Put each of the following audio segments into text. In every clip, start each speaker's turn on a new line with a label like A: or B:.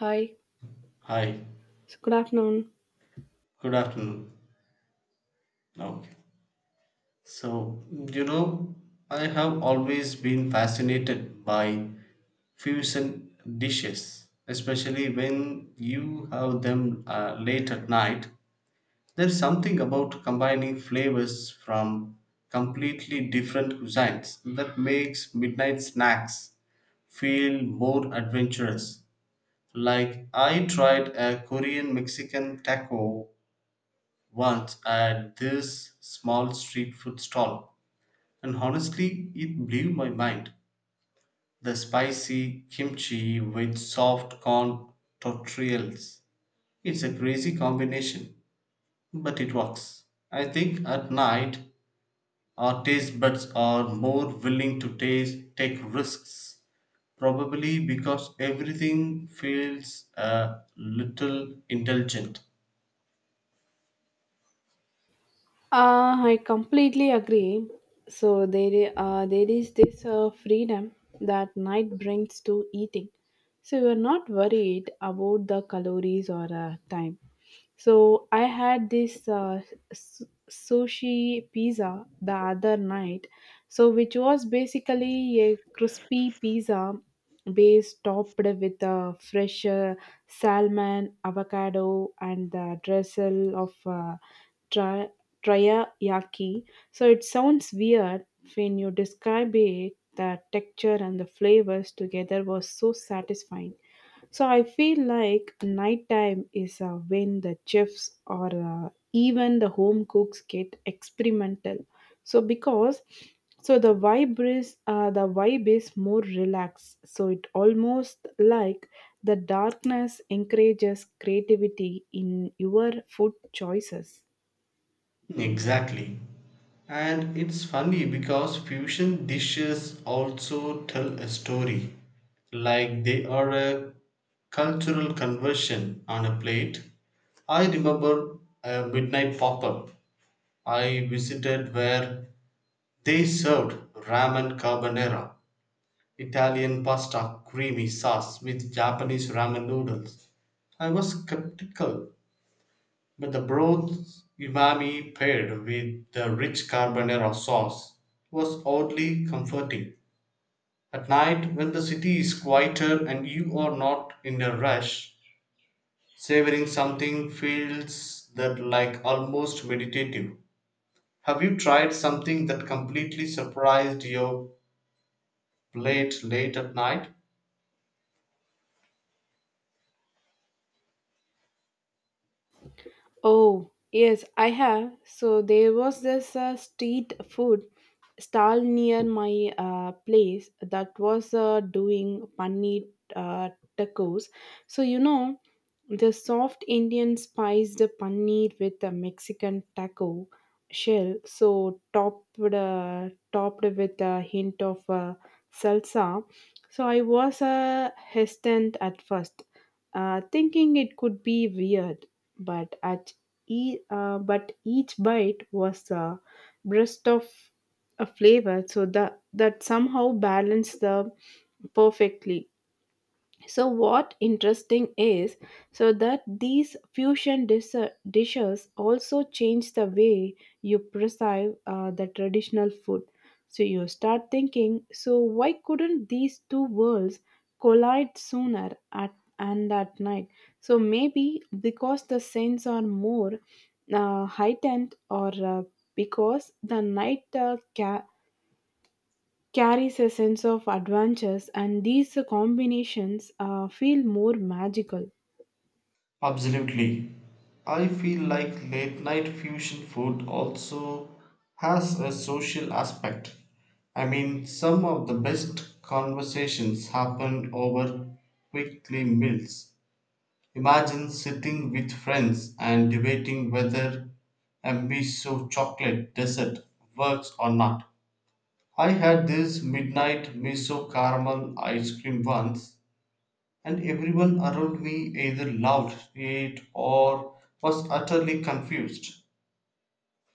A: Hi.
B: Hi,
A: So good afternoon.
B: good afternoon. Okay. So, you know, I have always been fascinated by fusion dishes, especially when you have them late at night. There's something about combining flavors from completely different cuisines that makes midnight snacks feel more adventurous. Like I tried a Korean Mexican taco once at this small street food stall, and honestly, it blew my mind. The spicy kimchi with soft corn tortillas. It's a crazy combination, but it works. I think at night our taste buds are more willing to take risks, probably because everything feels a little indulgent.
A: I completely agree. So there is this freedom that night brings to eating. So you are not worried about the calories or time. So I had this s- sushi pizza the other night. So which was basically a crispy pizza base topped with fresh salmon, avocado, and the drizzle of teriyaki. So it sounds weird when you describe it. The texture and the flavors together was so satisfying. So I feel like nighttime is when the chefs or even the home cooks get experimental. So because so the vibe is more relaxed. So it almost like the darkness encourages creativity in your food choices.
B: Exactly. And it's funny because fusion dishes also tell a story, like they are a cultural conversion on a plate. I remember a midnight pop up I visited where they served ramen carbonara, Italian pasta, creamy sauce with Japanese ramen noodles. I was skeptical but the broth's umami paired with the rich carbonara sauce was oddly comforting. At night, when the city is quieter and you are not in a rush, savoring something feels that like almost meditative. Have you tried something that completely surprised your plate late at night?
A: Oh, yes, I have. So there was this street food stall near my place that was doing paneer uh, tacos. So you know, the soft Indian spiced paneer with a Mexican taco shell, so topped with a hint of salsa. So I was hesitant at first, thinking it could be weird but but each bite was a burst of a flavor so that that somehow balanced the perfectly, so what interesting is so that these fusion dishes also change the way you perceive the traditional food, so you start thinking so why couldn't these two worlds collide sooner at and at night, so maybe because the scents are more heightened or because the night carries a sense of adventures, and these combinations feel more magical.
B: Absolutely. I feel like late night fusion food also has a social aspect. I mean, some of the best conversations happen over quickly meals. Imagine sitting with friends and debating whether a miso chocolate dessert works or not. I had this midnight miso caramel ice cream once and everyone around me either loved it or was utterly confused.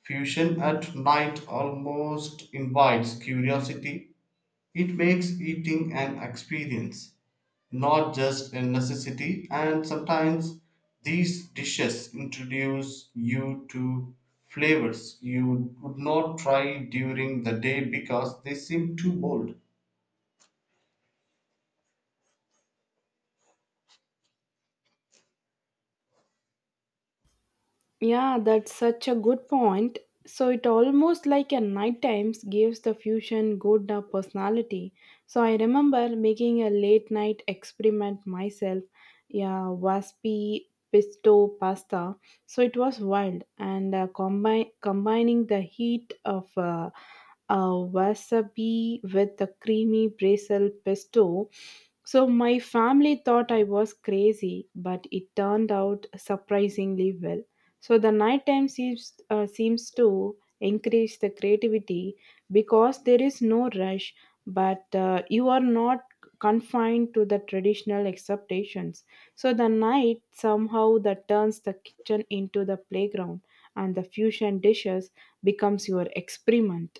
B: Fusion at night almost invites curiosity. It makes eating an experience, not just a necessity, and sometimes these dishes introduce you to flavors you would not try during the day because they seem too bold.
A: Yeah, that's such a good point. So it almost like a night times gives the fusion good a personality. So I remember making a late night experiment myself, yeah, waspy pesto pasta. So it was wild and combine combining the heat of wasabi with the creamy basil pesto. So my family thought I was crazy, but it turned out surprisingly well. So the nighttime seems to increase the creativity because there is no rush, but you are not confined to the traditional expectations. So the night somehow that turns the kitchen into the playground, and the fusion dishes becomes your experiment.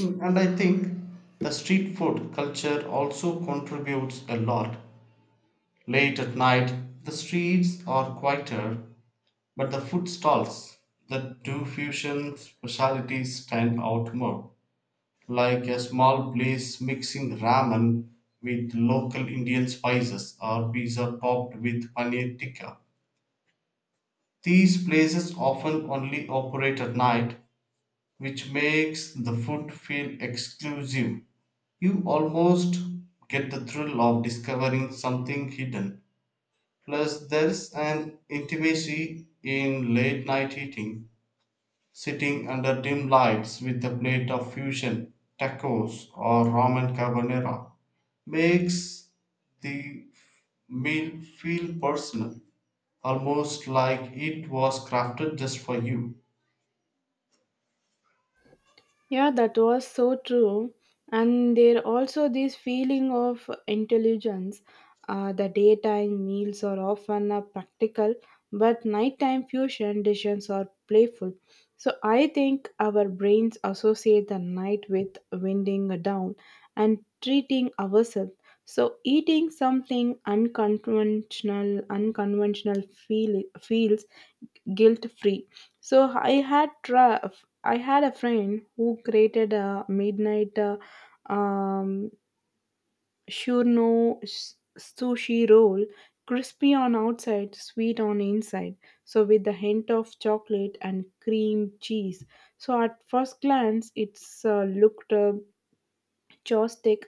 B: And I think the street food culture also contributes a lot. Late at night, the streets are quieter, but the food stalls that do fusion specialties stand out more. Like a small place mixing ramen with local Indian spices or pizza topped with paneer tikka. These places often only operate at night, which makes the food feel exclusive. You almost get the thrill of discovering something hidden. Plus, there's an intimacy in late night eating, sitting under dim lights with a plate of fusion, tacos, or ramen carbonara. Makes the meal feel personal, almost like it was crafted just for you.
A: Yeah, that was so true. And there also this feeling of intelligence. The daytime meals are often practical, but nighttime fusion dishes are playful. So I think our brains associate the night with winding down and treating ourselves. So eating something unconventional, feels guilt free, so i had tra- I had a friend who created a midnight um shurno sushi roll, crispy on outside, sweet on inside, so with the hint of chocolate and cream cheese. So at first glance it's looked Chopstick,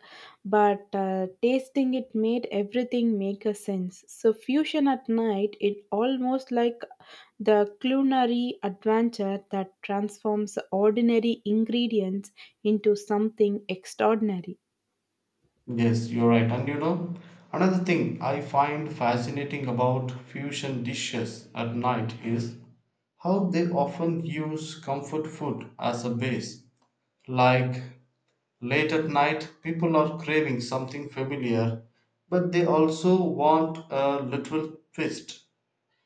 A: but tasting it made everything make a sense. So fusion at night, it almost like the culinary adventure that transforms ordinary ingredients into something extraordinary.
B: Yes, you're right. And you know, another thing I find fascinating about fusion dishes at night is how they often use comfort food as a base. Like late at night, people are craving something familiar, but they also want a little twist.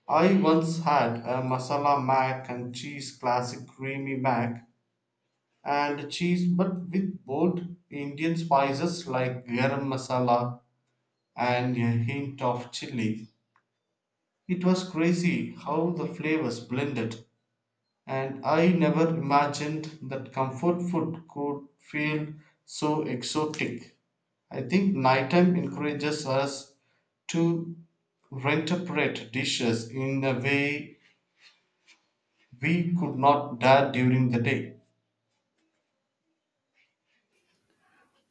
B: I once had a masala mac and cheese, classic creamy mac and cheese but with bold Indian spices like garam masala and a hint of chili. It was crazy how the flavors blended, and I never imagined that comfort food could feel so exotic. I think nighttime encourages us to reinterpret dishes in a way we could not dare during the day.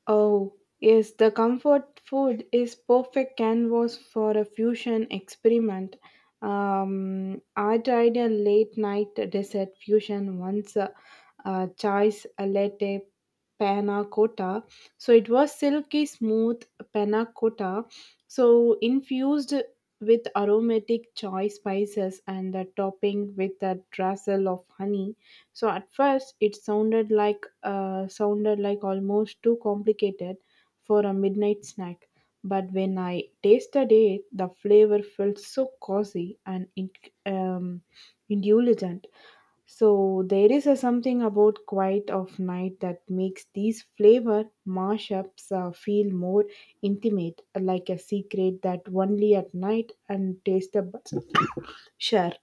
A: Oh, yes, the comfort food is perfect canvas for a fusion experiment. I tried a late night dessert fusion once, choice a latte panna cotta. So it was silky smooth panna cotta, so infused with aromatic choice spices and the topping with a drizzle of honey. So at first, it sounded like almost too complicated for a midnight snack. But when I tasted it, the flavor felt so cozy and um, indulgent. So there is a something about quiet of night that makes these flavor mashups feel more intimate, like a secret that only at night and taste the buds share.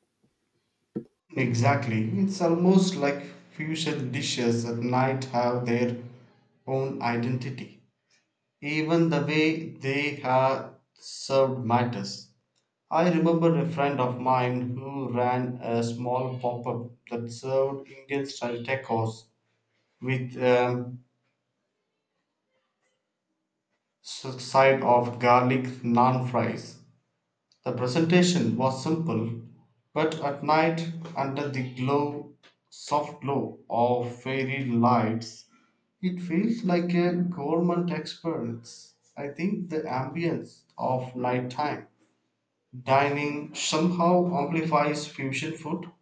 B: Exactly. It's almost like fusion dishes at night have their own identity. Even the way they have served matters. I remember a friend of mine who ran a small pop up that served Indian style tacos with a side of garlic naan fries. The presentation was simple, but at night, under the glow, soft glow of fairy lights, it feels like a gourmet experience. I think the ambience of nighttime dining somehow amplifies fusion food.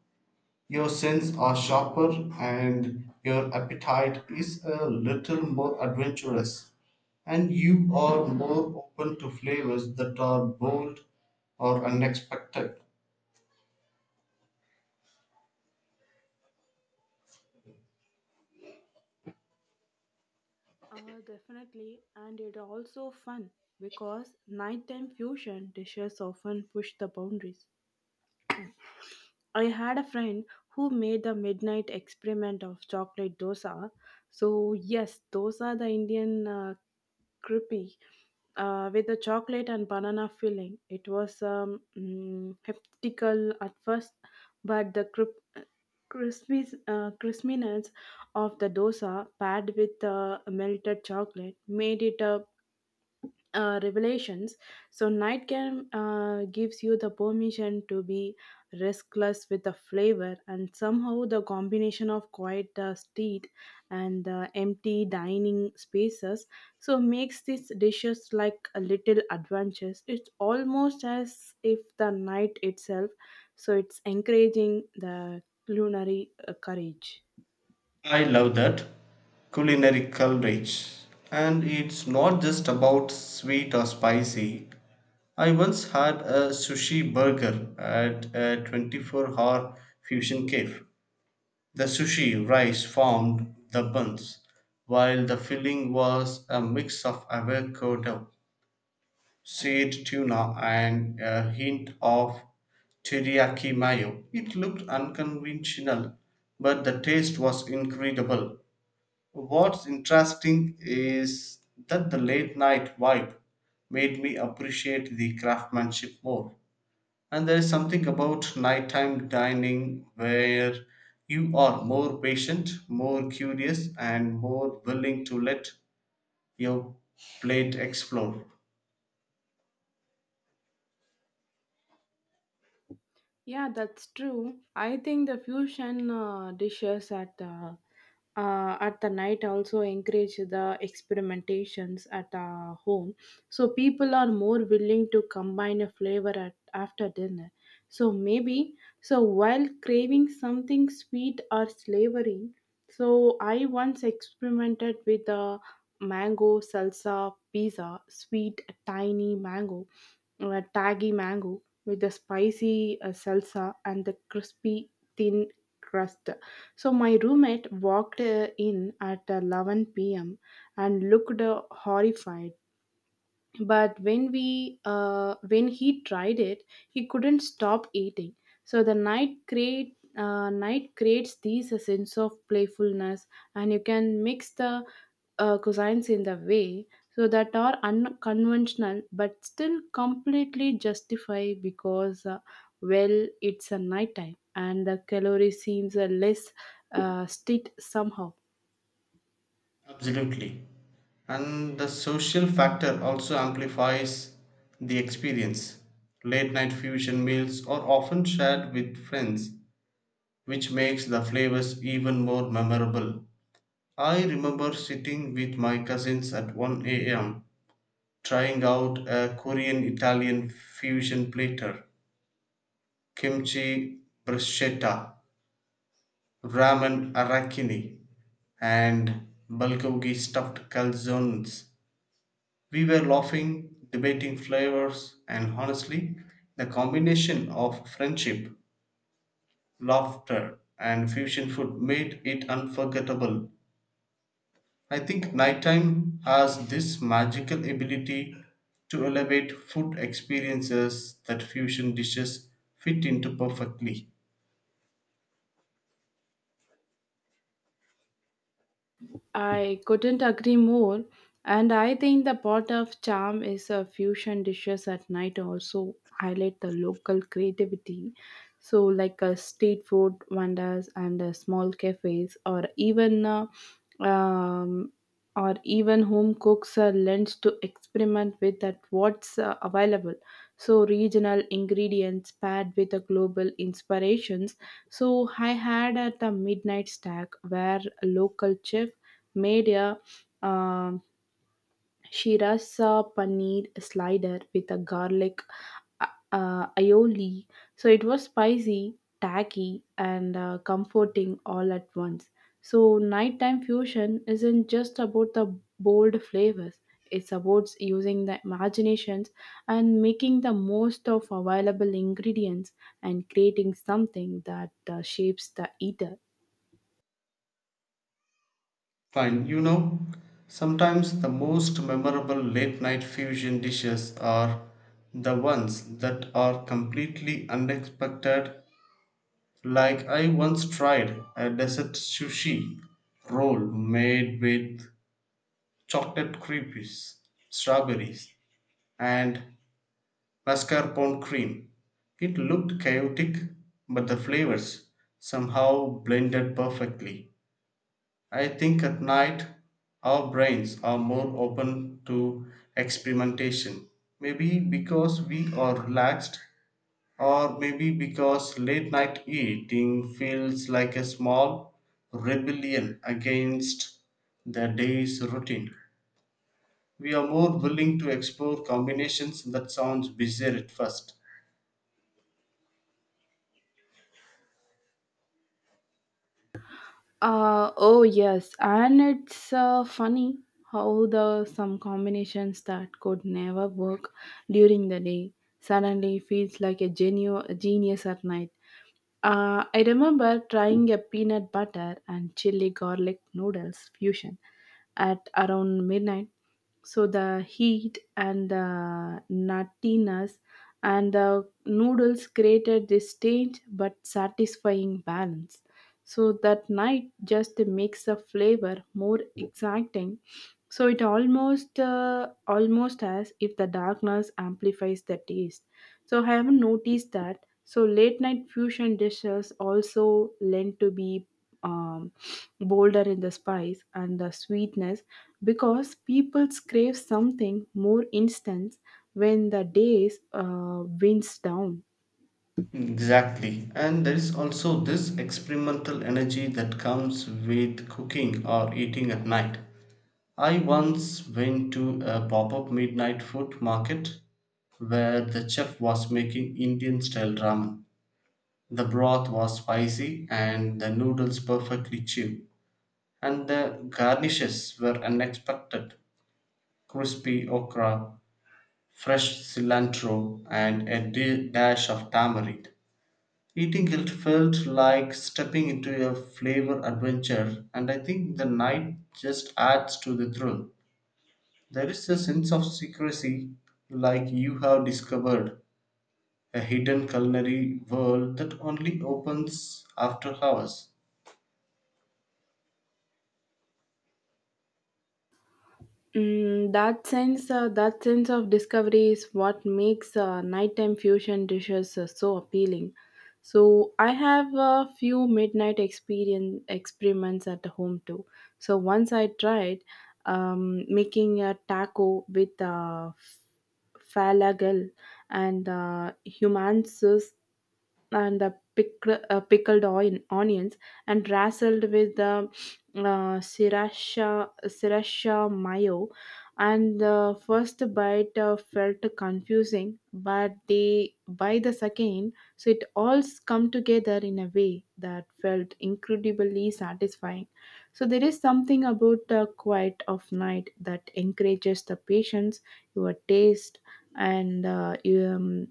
B: Your senses are sharper and your appetite is a little more adventurous. And you are more open to flavors that are bold or unexpected.
A: Definitely, and it also fun because nighttime fusion dishes often push the boundaries. I had a friend who made the midnight experiment of chocolate dosa. So yes, those are the Indian creepy with the chocolate and banana filling. It was skeptical at first, but the crispiness of the dosa paired with the melted chocolate made it a revelations. So, night game gives you the permission to be restless with the flavor, and somehow the combination of quiet street and the empty dining spaces so makes these dishes like a little adventures. It's almost as if the night itself, so it's encouraging the culinary courage.
B: I love that culinary coverage. And it's not just about sweet or spicy. I once had a sushi burger at a 24-hour fusion cave. The sushi rice formed the buns, while the filling was a mix of avocado, seared tuna, and a hint of teriyaki mayo. It looked unconventional, but the taste was incredible. What's interesting is that the late night vibe made me appreciate the craftsmanship more. And there is something about nighttime dining where you are more patient, more curious, and more willing to let your plate explore.
A: Yeah, that's true. I think the fusion dishes at the night also encourage the experimentations at home. So people are more willing to combine a flavor at, after dinner. So maybe so while craving something sweet or savory, so I once experimented with a mango salsa pizza, sweet tiny mango, taggy mango with the spicy salsa and the crispy thin crust. So my roommate walked in at 11 p.m. and looked horrified, but when we when he tried it he couldn't stop eating, so the night creates these a sense of playfulness, and you can mix the cuisines in the way so that are unconventional but still completely justify because well it's a night time and the calorie seems less stit somehow.
B: Absolutely. And the social factor also amplifies the experience. Late night fusion meals are often shared with friends, which makes the flavors even more memorable. I remember sitting with my cousins at 1 a.m. trying out a Korean Italian fusion platter, kimchi bruschetta, ramen arachini, and bulgogi stuffed calzones. We were laughing, debating flavors, and honestly, the combination of friendship, laughter, and fusion food made it unforgettable. I think nighttime has this magical ability to elevate food experiences that fusion dishes fit into perfectly.
A: I couldn't agree more. And I think the pot of charm is a fusion dishes at night also highlight the local creativity. So like a street food vendors and small cafes um, or even home cooks are learns to experiment with that what's available. So regional ingredients paired with the global inspirations. So I had at the midnight stack where local chefs made a um shirasa paneer slider with a garlic uh, aioli. So it was spicy, tacky, and comforting all at once. So nighttime fusion isn't just about the bold flavors. It's about using the imaginations and making the most of available ingredients and creating something that shapes the eater.
B: Fine, you know, sometimes the most memorable late night fusion dishes are the ones that are completely unexpected. Like I once tried a dessert sushi roll made with chocolate creepies, strawberries, and mascarpone cream. It looked chaotic but the flavors somehow blended perfectly. I think at night our brains are more open to experimentation. Maybe because we are relaxed, or maybe because late night eating feels like a small rebellion against the day's routine. We are more willing to explore combinations that sounds bizarre at first.
A: Oh yes, and it's funny how the some combinations that could never work during the day suddenly feels like a, a genius at night. I remember trying a peanut butter and chili garlic noodles fusion at around midnight. So the heat and the nuttiness and the noodles created this strange but satisfying balance, so that night just makes the flavor more exciting, so it almost as if the darkness amplifies the taste, so I have noticed that so late night fusion dishes also lend to be um, bolder in the spice and the sweetness because people crave something more instant when the days winds down.
B: Exactly. And there is also this experimental energy that comes with cooking or eating at night. I once went to a pop up midnight food market where the chef was making Indian style ramen. The broth was spicy and the noodles perfectly chewed, and the garnishes were unexpected, crispy okra, fresh cilantro, and a dash of tamarind. Eating it felt like stepping into a flavor adventure, and I think the night just adds to the thrill. There is a sense of secrecy, like you have discovered a hidden culinary world that only opens after hours.
A: Mm, that sense of discovery is what makes nighttime fusion dishes so appealing. So I have a few midnight experience experiments at home too. So once I tried making a taco with falagal and humansus and the pickled oil, onions and drizzled with the sriracha mayo. And the first bite felt confusing, but the by the second, so it all come together in a way that felt incredibly satisfying. So there is something about the quiet of night that encourages the patience, your taste, and you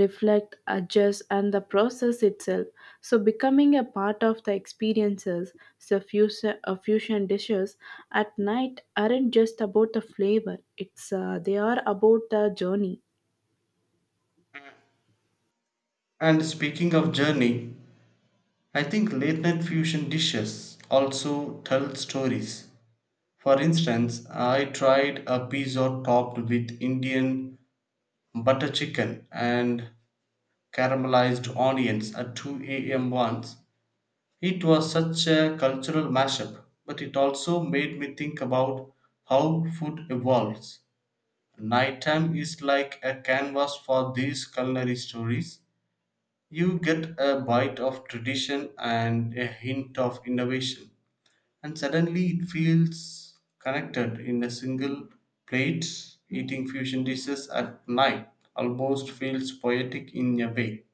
A: reflect, adjust, and the process itself. So, becoming a part of the experiences, so fusion dishes at night aren't just about the flavor, it's they are about the journey.
B: And speaking of journey, I think late night fusion dishes also tell stories. For instance, I tried a pizza topped with Indian butter chicken and caramelized onions at 2 a.m. once. It was such a cultural mashup, but it also made me think about how food evolves. Nighttime is like a canvas for these culinary stories. You get a bite of tradition and a hint of innovation, and suddenly it feels connected in a single plate. Eating fusion dishes at night almost feels poetic in a way.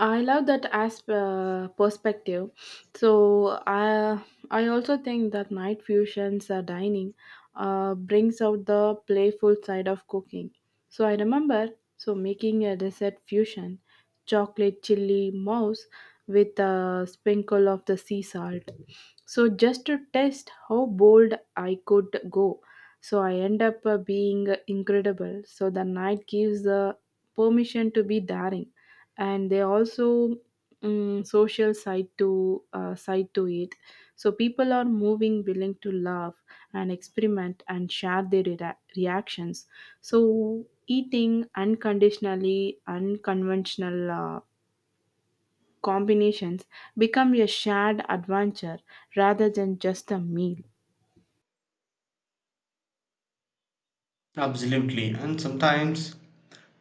A: I love that as perspective. So I also think that night fusions dining brings out the playful side of cooking. So I remember so making a dessert fusion, chocolate chili mouse with a sprinkle of the sea salt. So just to test how bold I could go. So I end up being incredible. So the night gives the permission to be daring, and they also mm, social side to it, so people are moving willing to laugh and experiment and share their reactions, so eating unconditionally unconventional combinations become a shared adventure rather than just a meal.
B: Absolutely, and sometimes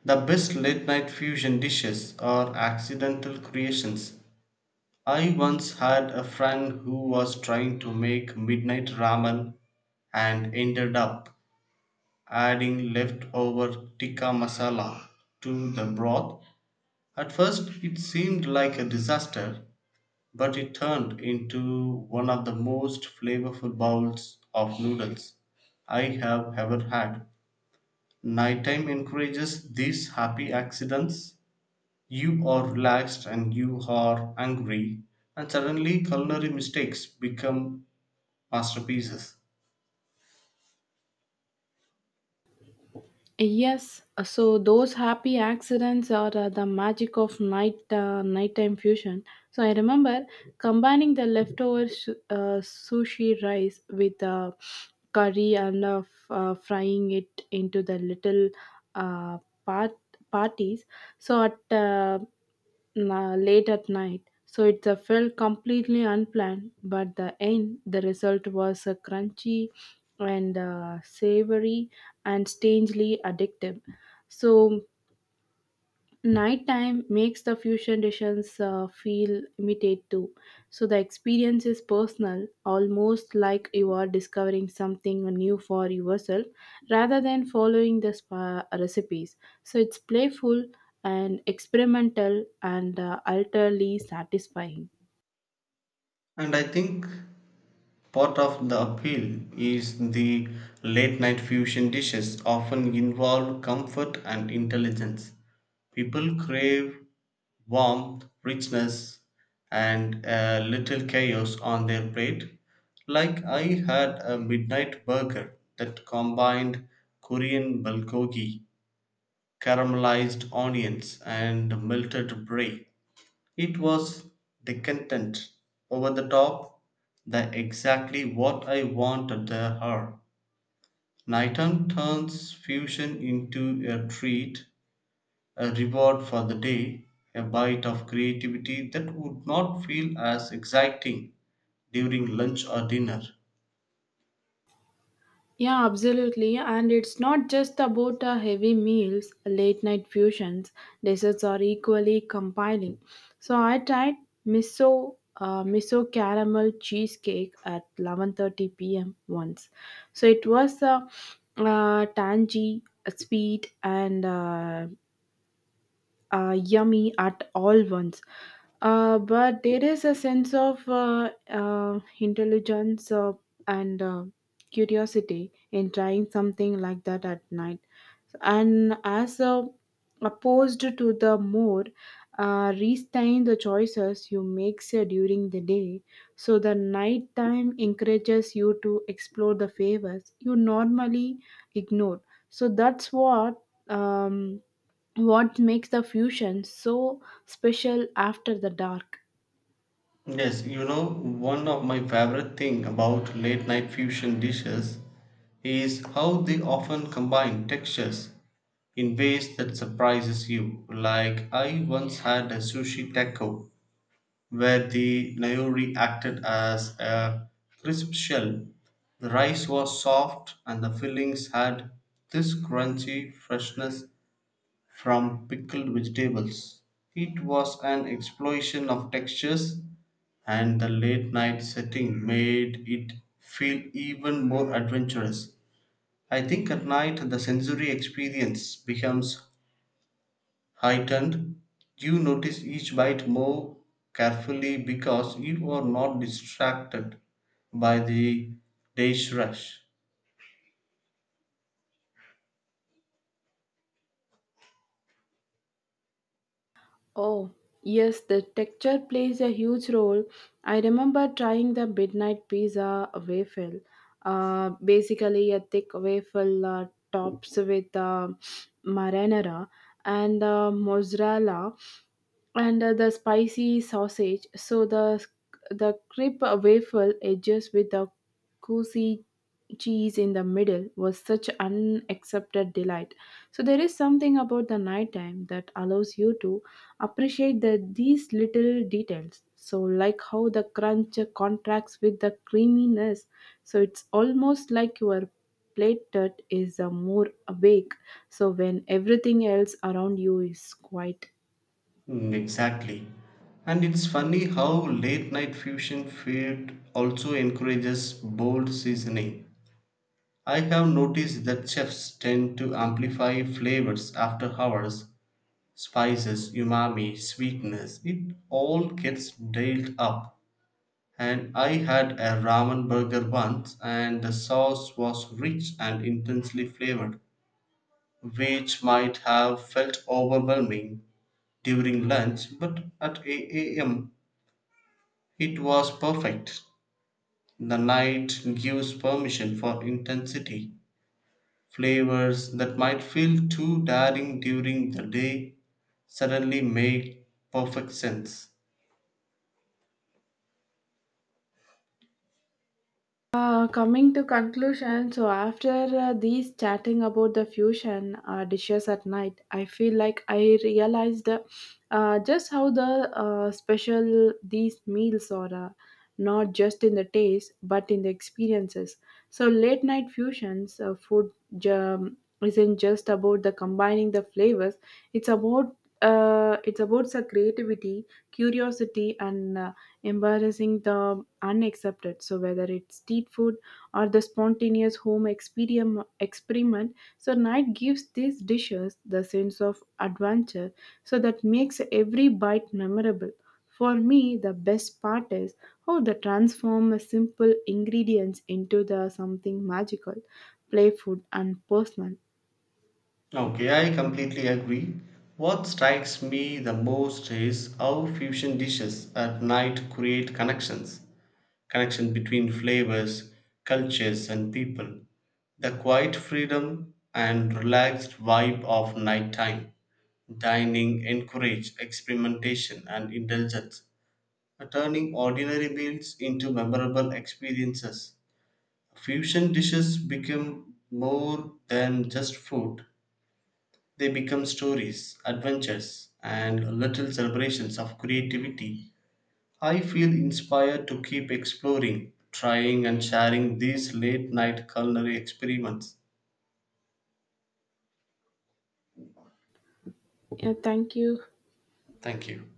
B: the best late night fusion dishes are accidental creations. I once had a friend who was trying to make midnight ramen and ended up adding leftover tikka masala to the broth. At first, it seemed like a disaster, but it turned into one of the most flavorful bowls of noodles I have ever had. Nighttime encourages these happy accidents. You are relaxed and you are angry, and suddenly culinary mistakes become masterpieces.
A: Yes, so those happy accidents are the magic of nighttime fusion. So I remember combining the leftover sushi rice with curry and frying it into the little uh, part parties. So at late at night. So it felt completely unplanned, but the end, the result was crunchy and savory and strangely addictive. So nighttime makes the fusion dishes feel immediate too. So the experience is personal, almost like you are discovering something new for yourself rather than following the spa recipes. So it's playful and experimental and utterly satisfying.
B: And I think part of the appeal is the late night fusion dishes often involve comfort and intelligence. People crave warmth, richness, and a little chaos on their plate. Like I had a midnight burger that combined Korean bulgogi, caramelized onions, and melted brie. It was the content, over the top, the exactly what I wanted the Her nighton turns fusion into a treat, a reward for the day, a bite of creativity that would not feel as exciting during lunch or dinner.
A: Yeah, absolutely. And it's not just about heavy meals, late night fusions, desserts are equally compelling. So I tried miso caramel cheesecake at 11:30 p.m. once. So it was tangy, sweet and yummy at all once. But there is a sense of intelligence and curiosity in trying something like that at night and as a, opposed to the more restrain the choices you make say, during the day, so the night time encourages you to explore the favors you normally ignore, so that's um, what makes the fusion so special after the dark.
B: Yes, you know, one of my favorite thing about late night fusion dishes is how they often combine textures in ways that surprises you. Like I once had a sushi taco where the nayori acted as a crisp shell. The rice was soft and the fillings had this crunchy freshness from pickled vegetables. It was an explosion of textures and the late night setting made it feel even more adventurous. I think at night the sensory experience becomes heightened. You notice each bite more carefully because you are not distracted by the day's rush.
A: Oh, yes, the texture plays a huge role. I remember trying the midnight pizza waffle. Basically, a thick waffle tops with marinara and mozzarella and the spicy sausage. So the crisp waffle edges with the cozy cheese in the middle was such unaccepted delight, so there is something about the nighttime that allows you to appreciate the, these little details so like how the crunch contracts with the creaminess, so it's almost like your plate that is more awake so when everything else around you is quiet.
B: Exactly. And it's funny how late night fusion food also encourages bold seasoning. I have noticed that chefs tend to amplify flavors after hours, spices, umami, sweetness. It all gets dialed up. And I had a ramen burger once, and the sauce was rich and intensely flavored, which might have felt overwhelming during lunch, but at 8 a.m. it was perfect. The night gives permission for intensity. Flavors that might feel too daring during the day suddenly make perfect sense.
A: Coming to conclusion, so after these chatting about the fusion dishes at night, I feel like I realized just how the special these meals are, not just in the taste but in the experiences. So late night fusions food jam isn't just about the combining the flavors; it's about it's about the creativity, curiosity, and embarrassing the unaccepted. So whether it's street food or the spontaneous home experiment, so night gives these dishes the sense of adventure. So that makes every bite memorable. For me, the best part is how they transform a simple ingredients into the something magical, playful, and personal.
B: Okay, I completely agree. What strikes me the most is how fusion dishes at night create connections, connection between flavors, cultures, and people. The quiet freedom and relaxed vibe of nighttime dining encourage experimentation and indulgence, turning ordinary meals into memorable experiences. Fusion dishes become more than just food, they become stories, adventures, and little celebrations of creativity. I feel inspired to keep exploring, trying, and sharing these late night culinary experiments.
A: Yeah, thank you.
B: Thank you.